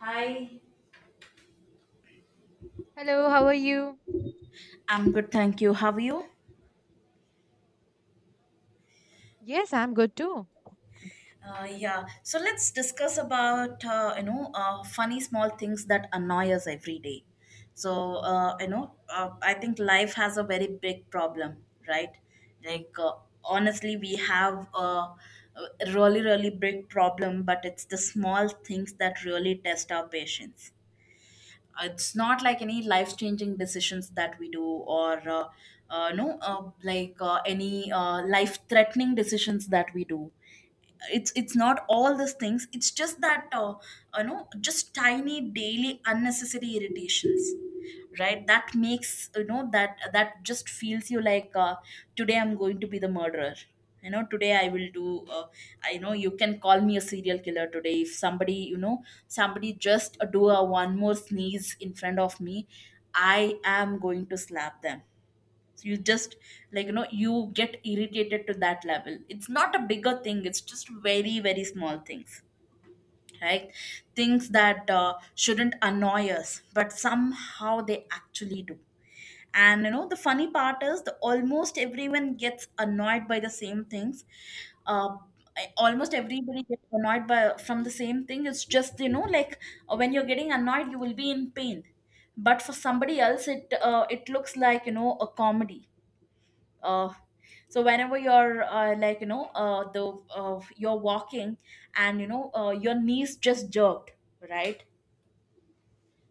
Hi. Hello, how are you? I'm good, thank you. How are you? Yes, I'm good too. Yeah. So let's discuss about funny small things that annoy us every day. So I think life has a very big problem, right? Like uh, Honestly, we have a really big problem, but it's the small things that really test our patience. It's not like any life changing decisions that we do or no like any life threatening decisions that we do. It's not all these things. It's just that just tiny daily unnecessary irritations, right, that makes you know that that just feels you like today I'm going to be the murderer. Today I will do uh, I know you can call me a serial killer today if somebody you know somebody just do a one more sneeze in front of me, I am going to slap them. So you just, you get irritated to that level. It's not a bigger thing, it's just very small things, right? Things that shouldn't annoy us but somehow they actually do. And you know the funny part is the almost everyone gets annoyed by the same things. uh, Almost everybody gets annoyed by from the same thing. It's just when you're getting annoyed you will be in pain, but for somebody else it looks like a comedy. uh, so whenever you're walking and your knees just jerked, right?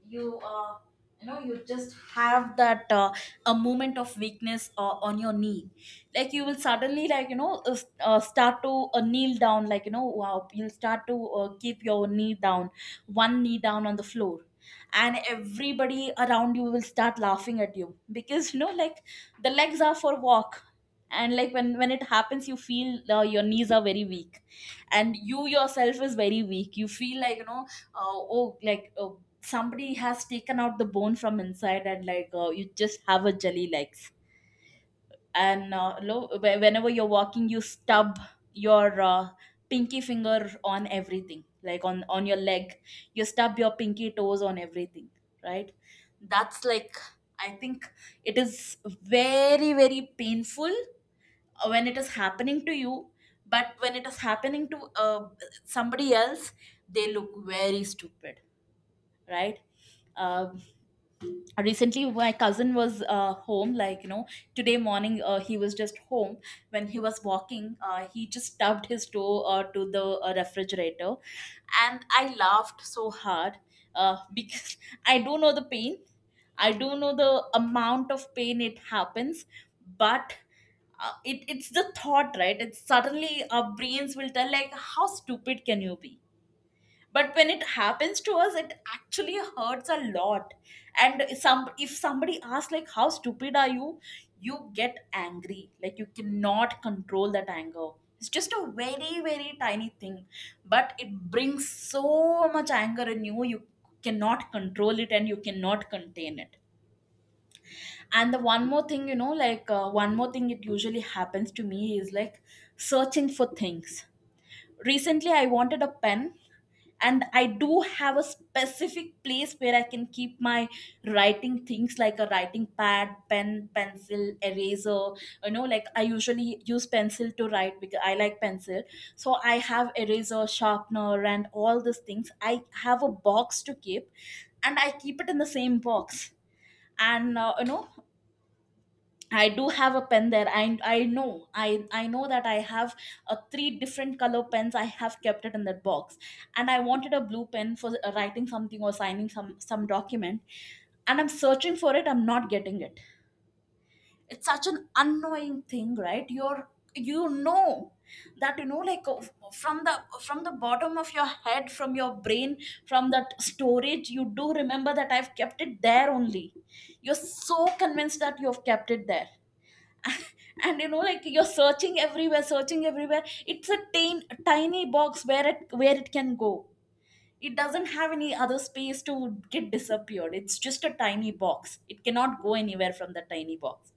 You uh, you know you just have that a moment of weakness on your knee. Like you will suddenly, start to kneel down, wow, you'll start to keep your knee down, one knee down on the floor, and everybody around you will start laughing at you because the legs are for walk. And like when it happens you feel your knees are very weak and you yourself is very weak. You feel like oh, somebody has taken out the bone from inside and you just have a jelly legs, and whenever you're walking you stub your pinky finger on everything, like on your leg. You stub your pinky toes on everything, right? That's like, I think it is very painful when it is happening to you, but when it is happening to somebody else, they look very stupid, right? Um, recently my cousin was home, today morning he was just home. When he was walking he just stubbed his toe to the refrigerator, and I laughed so hard, because I do know the pain. I do know the amount of pain it happens. But it's the thought, right? It's suddenly our brains will tell like how stupid can you be. But when it happens to us it actually hurts a lot, and some, if somebody asks like how stupid are you, you get angry. Like you cannot control that anger. It's just a very tiny thing, but it brings so much anger in you. You cannot control it and you cannot contain it. And the one more thing, one more thing it usually happens to me is like searching for things. Recently I wanted a pen, and I do have a specific place where I can keep my writing things, like a writing pad, pen, pencil, eraser. You know, like I usually use pencil to write because I like pencil. So I have eraser, sharpener and all these things. I have a box to keep, and I keep it in the same box. And I do have a pen there. I know. I know that I have a three different color pens. I have kept it in that box, and I wanted a blue pen for writing something or signing some document. And I'm searching for it. I'm not getting it. It's such an annoying thing, right? You know that, you know, from the bottom of your head, from your brain, from that storage, you do remember that I've kept it there only. You're so convinced that you've kept it there. And you know, like, you're searching everywhere, searching everywhere. It's a tiny box. Where it can go? It doesn't have any other space to get disappeared. It's just a tiny box, it cannot go anywhere from the tiny box.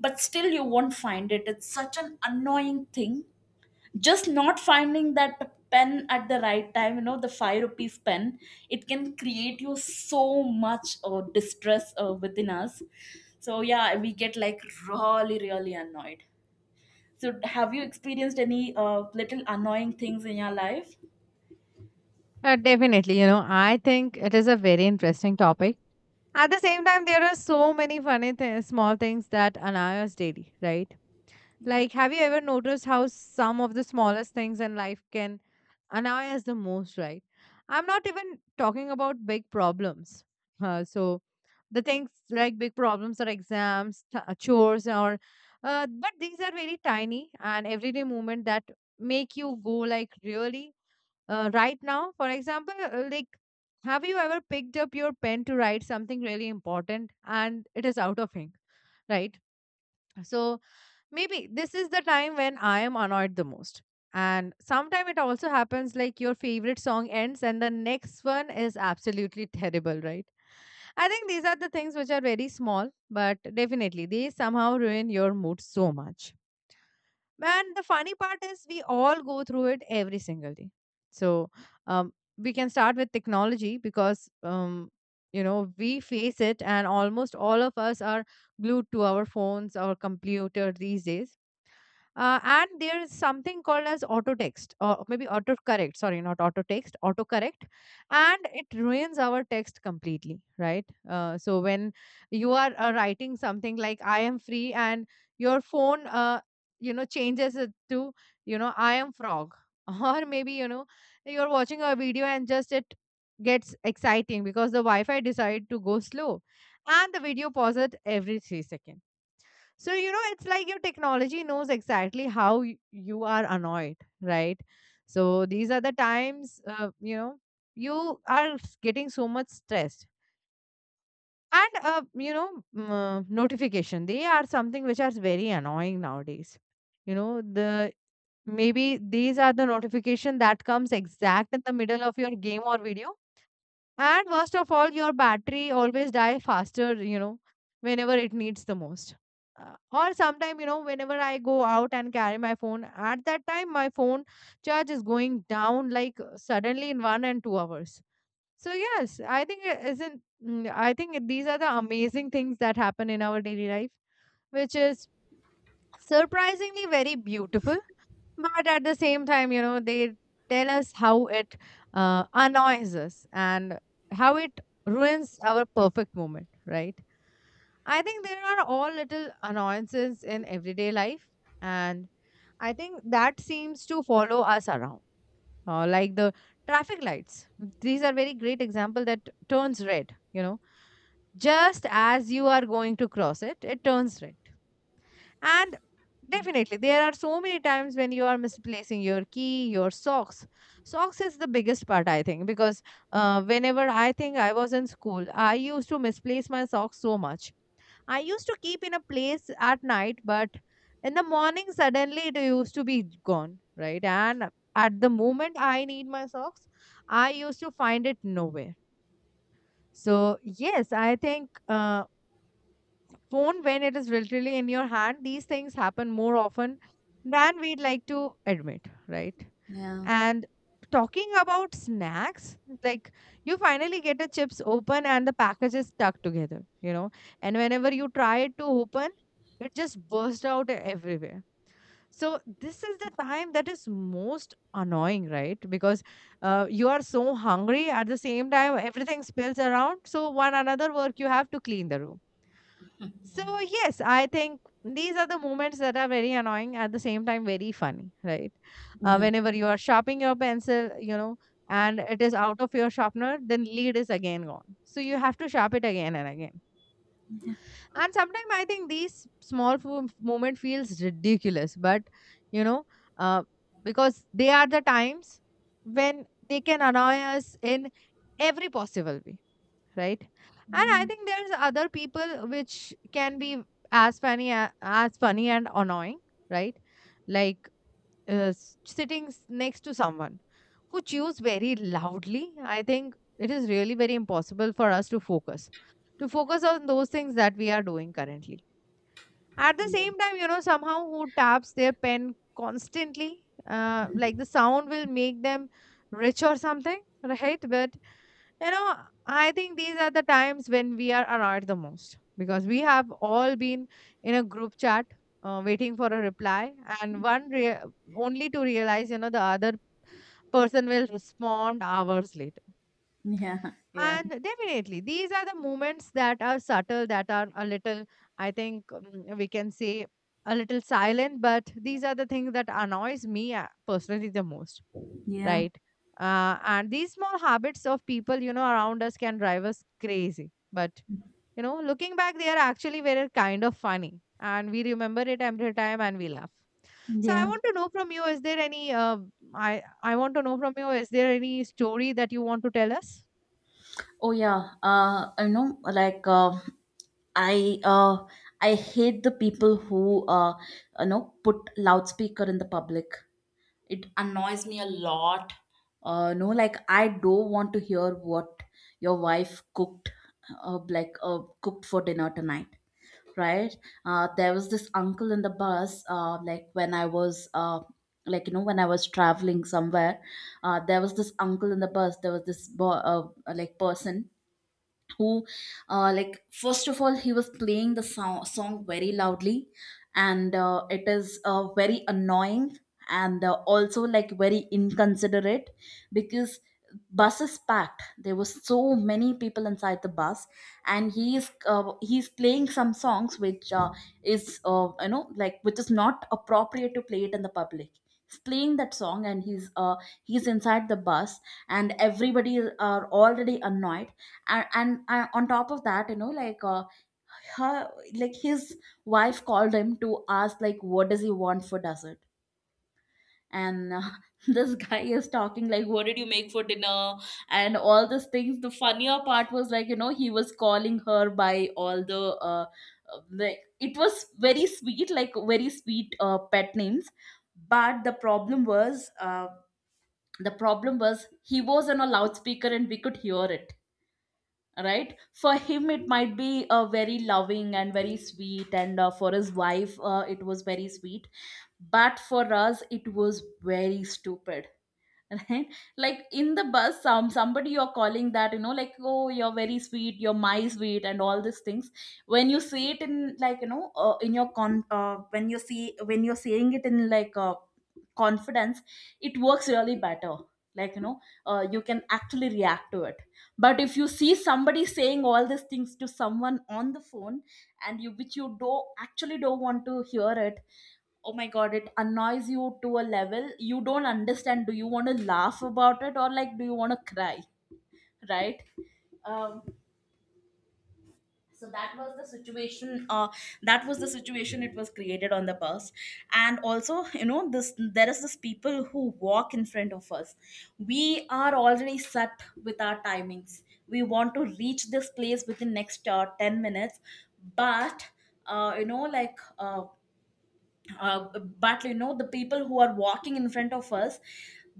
But still you won't find it. It's such an annoying thing, just not finding that pen at the right time. You know, the 5 rupees pen, it can create you so much distress within us. So yeah, we get like really annoyed. So have you experienced any little annoying things in your life? Definitely, you know, I think it is a very interesting topic. At the same time, there are so many small things that annoy us daily, right? Like, have you ever noticed how some of the smallest things in life can annoy us the most, right? I'm not even talking about big problems. Uh, so, the things like big problems or chores or but these are very tiny and everyday movement that make you go like really right now, for example, like have you ever picked up your pen to write something really important and it is out of ink, right? So maybe this is the time when I am annoyed the most. And sometimes it also happens like your favorite song ends and the next one is absolutely terrible, right? I think these are the things which are very small, but definitely they somehow ruin your mood so much. And the funny part is we all go through it every single day. So we can start with technology because, you know, we face it and almost all of us are glued to our phones or computer these days. And there is something called as auto text or maybe autocorrect. Sorry, not auto text, autocorrect. And it ruins our text completely, right? So when you are writing something like I am free and your phone, you know, changes it to, you know, I am frog. Or maybe, you know, you're watching a video and just it gets exciting because the Wi Fi decided to go slow and the video pauses every 3 seconds. So, you know, it's like your technology knows exactly how you are annoyed, right? So, these are the times, you know, you are getting so much stressed. And, notification, they are something which are very annoying nowadays. You know, the maybe these are the notification that comes exact in the middle of your game or video, and worst of all, your battery always die faster, you know, whenever it needs the most. Or sometime, you know, whenever I go out and carry my phone, at that time my phone charge is going down like suddenly in 1 and 2 hours. So yes, I think it isn't. I think these are the amazing things that happen in our daily life, which is surprisingly very beautiful, but at the same time, you know, they tell us how it annoys us and how it ruins our perfect moment, right? I think there are all little annoyances in everyday life, and I think that seems to follow us around. Like the traffic lights. These are very great example that turns red, you know. Just as you are going to cross it, it turns red. And definitely, there are so many times when you are misplacing your key, your socks. Socks is the biggest part, I think, because whenever I think I was in school, I used to misplace my socks so much. I used to keep in a place at night, but in the morning, suddenly it used to be gone, right? And at the moment I need my socks, I used to find it nowhere. So, yes, I think phone when it is literally in your hand, these things happen more often than we'd like to admit, right? Yeah. And talking about snacks, like you finally get the chips open and the package is stuck together, you know, and whenever you try it to open, it just bursts out everywhere. So this is the time that is most annoying, right? Because you are so hungry at the same time everything spills around, so one another work you have to clean the room. So, Yeah. yes, I think these are the moments that are very annoying at the same time very funny, right? Yeah. Whenever you are sharpening your pencil, you know, and it is out of your sharpener, then lead is again gone. So you have to sharp it again and again. And sometimes I think these moment feels ridiculous, but you know, uh, because they are the times when they can annoy us in every possible way, right? And I think there's other people which can be as funny and annoying, right? Like sitting next to someone who chews very loudly, I think it is really very impossible for us to focus on those things that we are doing currently. At the same time, you know, somehow who taps their pen constantly, like the sound will make them rich or something, right? But you know, I think these are the times when we are annoyed the most because we have all been in a group chat, waiting for a reply, and only to realize, you know, the other person will respond hours later. Yeah, yeah, And definitely, these are the moments that are subtle, that are a little, I think, we can say, a little silent, but these are the things that annoys me personally the most, yeah, right? And these small habits of people, you know, around us can drive us crazy. But, you know, looking back, they are actually very kind of funny. And we remember it every time and we laugh. So I yeah. want to know from you, is there any, I want to know from you, is there any story that you want to tell us? Oh yeah, I know. I, uh, I hate the people who, you know, put loudspeaker in the public. It annoys me a lot. No, like, I don't want to hear what your wife cooked, cooked for dinner tonight. Right? There was this uncle in the bus. Like when I was, when I was traveling somewhere, there was this uncle in the bus. There was this boy, like person, who like first of all he was playing the song very loudly, and it is very annoying and also like very inconsiderate, because bus is packed, there were so many people inside the bus, and he is, he's playing some songs which, is you know, like, which is not appropriate to play it in the public. He's playing that song and he's inside the bus, and everybody are already annoyed. And on top of that, you know like her like his wife called him to ask like what does he want for dessert. And this guy is talking like what did you make for dinner and all these things. The funnier part was, like, you know, he was calling her by all the, like, it was very sweet, like very sweet pet names. But the problem was he was on a loudspeaker and we could hear it, right? For him it might be very loving and very sweet, and for his wife it was very sweet, but for us it was very stupid. Right? Like, in the bus, somebody you're calling that, you know, like, oh, you're very sweet, you're my sweet and all these things. When you see it in, like you know in your con when you see when you're seeing it in like, confidence, it works really better. Like, you know, you can actually react to it. But if you see somebody saying all these things to someone on the phone, and you, which you do not actually don't want to hear it, oh my god, it annoys you to a level you don't understand. Do you want to laugh about it, or like, do you want to cry, right? um, so that was the situation. It was created on the bus. And also, you know, this, there is this people who walk in front of us. We are already set with our timings, we want to reach this place within next 10 minutes, but uh, you know like uh, but you know the people who are walking in front of us,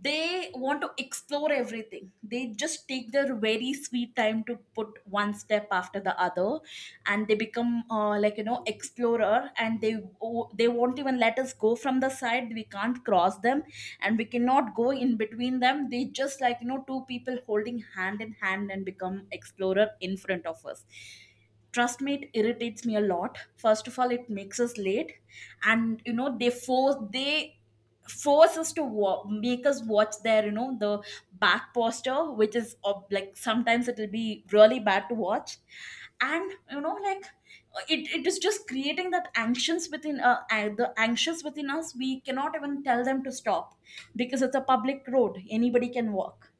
they want to explore everything. They just take their very sweet time to put one step after the other, and they become explorer, and they, oh, they won't even let us go from the side, we can't cross them, and we cannot go in between them. They just, like, you know, two people holding hand in hand and become explorer in front of us. Trust me, it irritates me a lot. First of all, it makes us late, and you know, they force us to make us watch their, you know, the back posture, which is like sometimes it'll be really bad to watch. And you know, it, it is just creating that anxious within, the anxious within us. We cannot even tell them to stop because it's a public road, anybody can walk.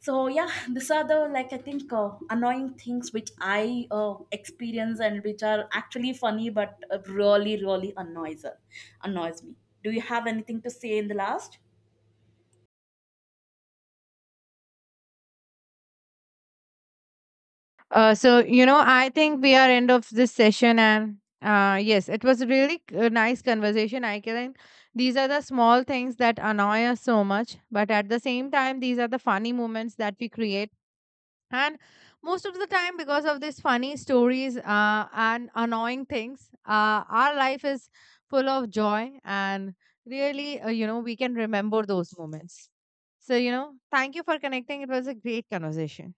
So yeah, these are the, like, I think annoying things which I experience and which are actually funny, but really really annoys me. Do you have anything to say in the last? So you know, I think we are end of this session, and yes, it was really a nice conversation. I can. These are the small things that annoy us so much, but at the same time, these are the funny moments that we create. And most of the time, because of these funny stories and annoying things, our life is full of joy, and really, you know, we can remember those moments. So you know, thank you for connecting. It was a great conversation.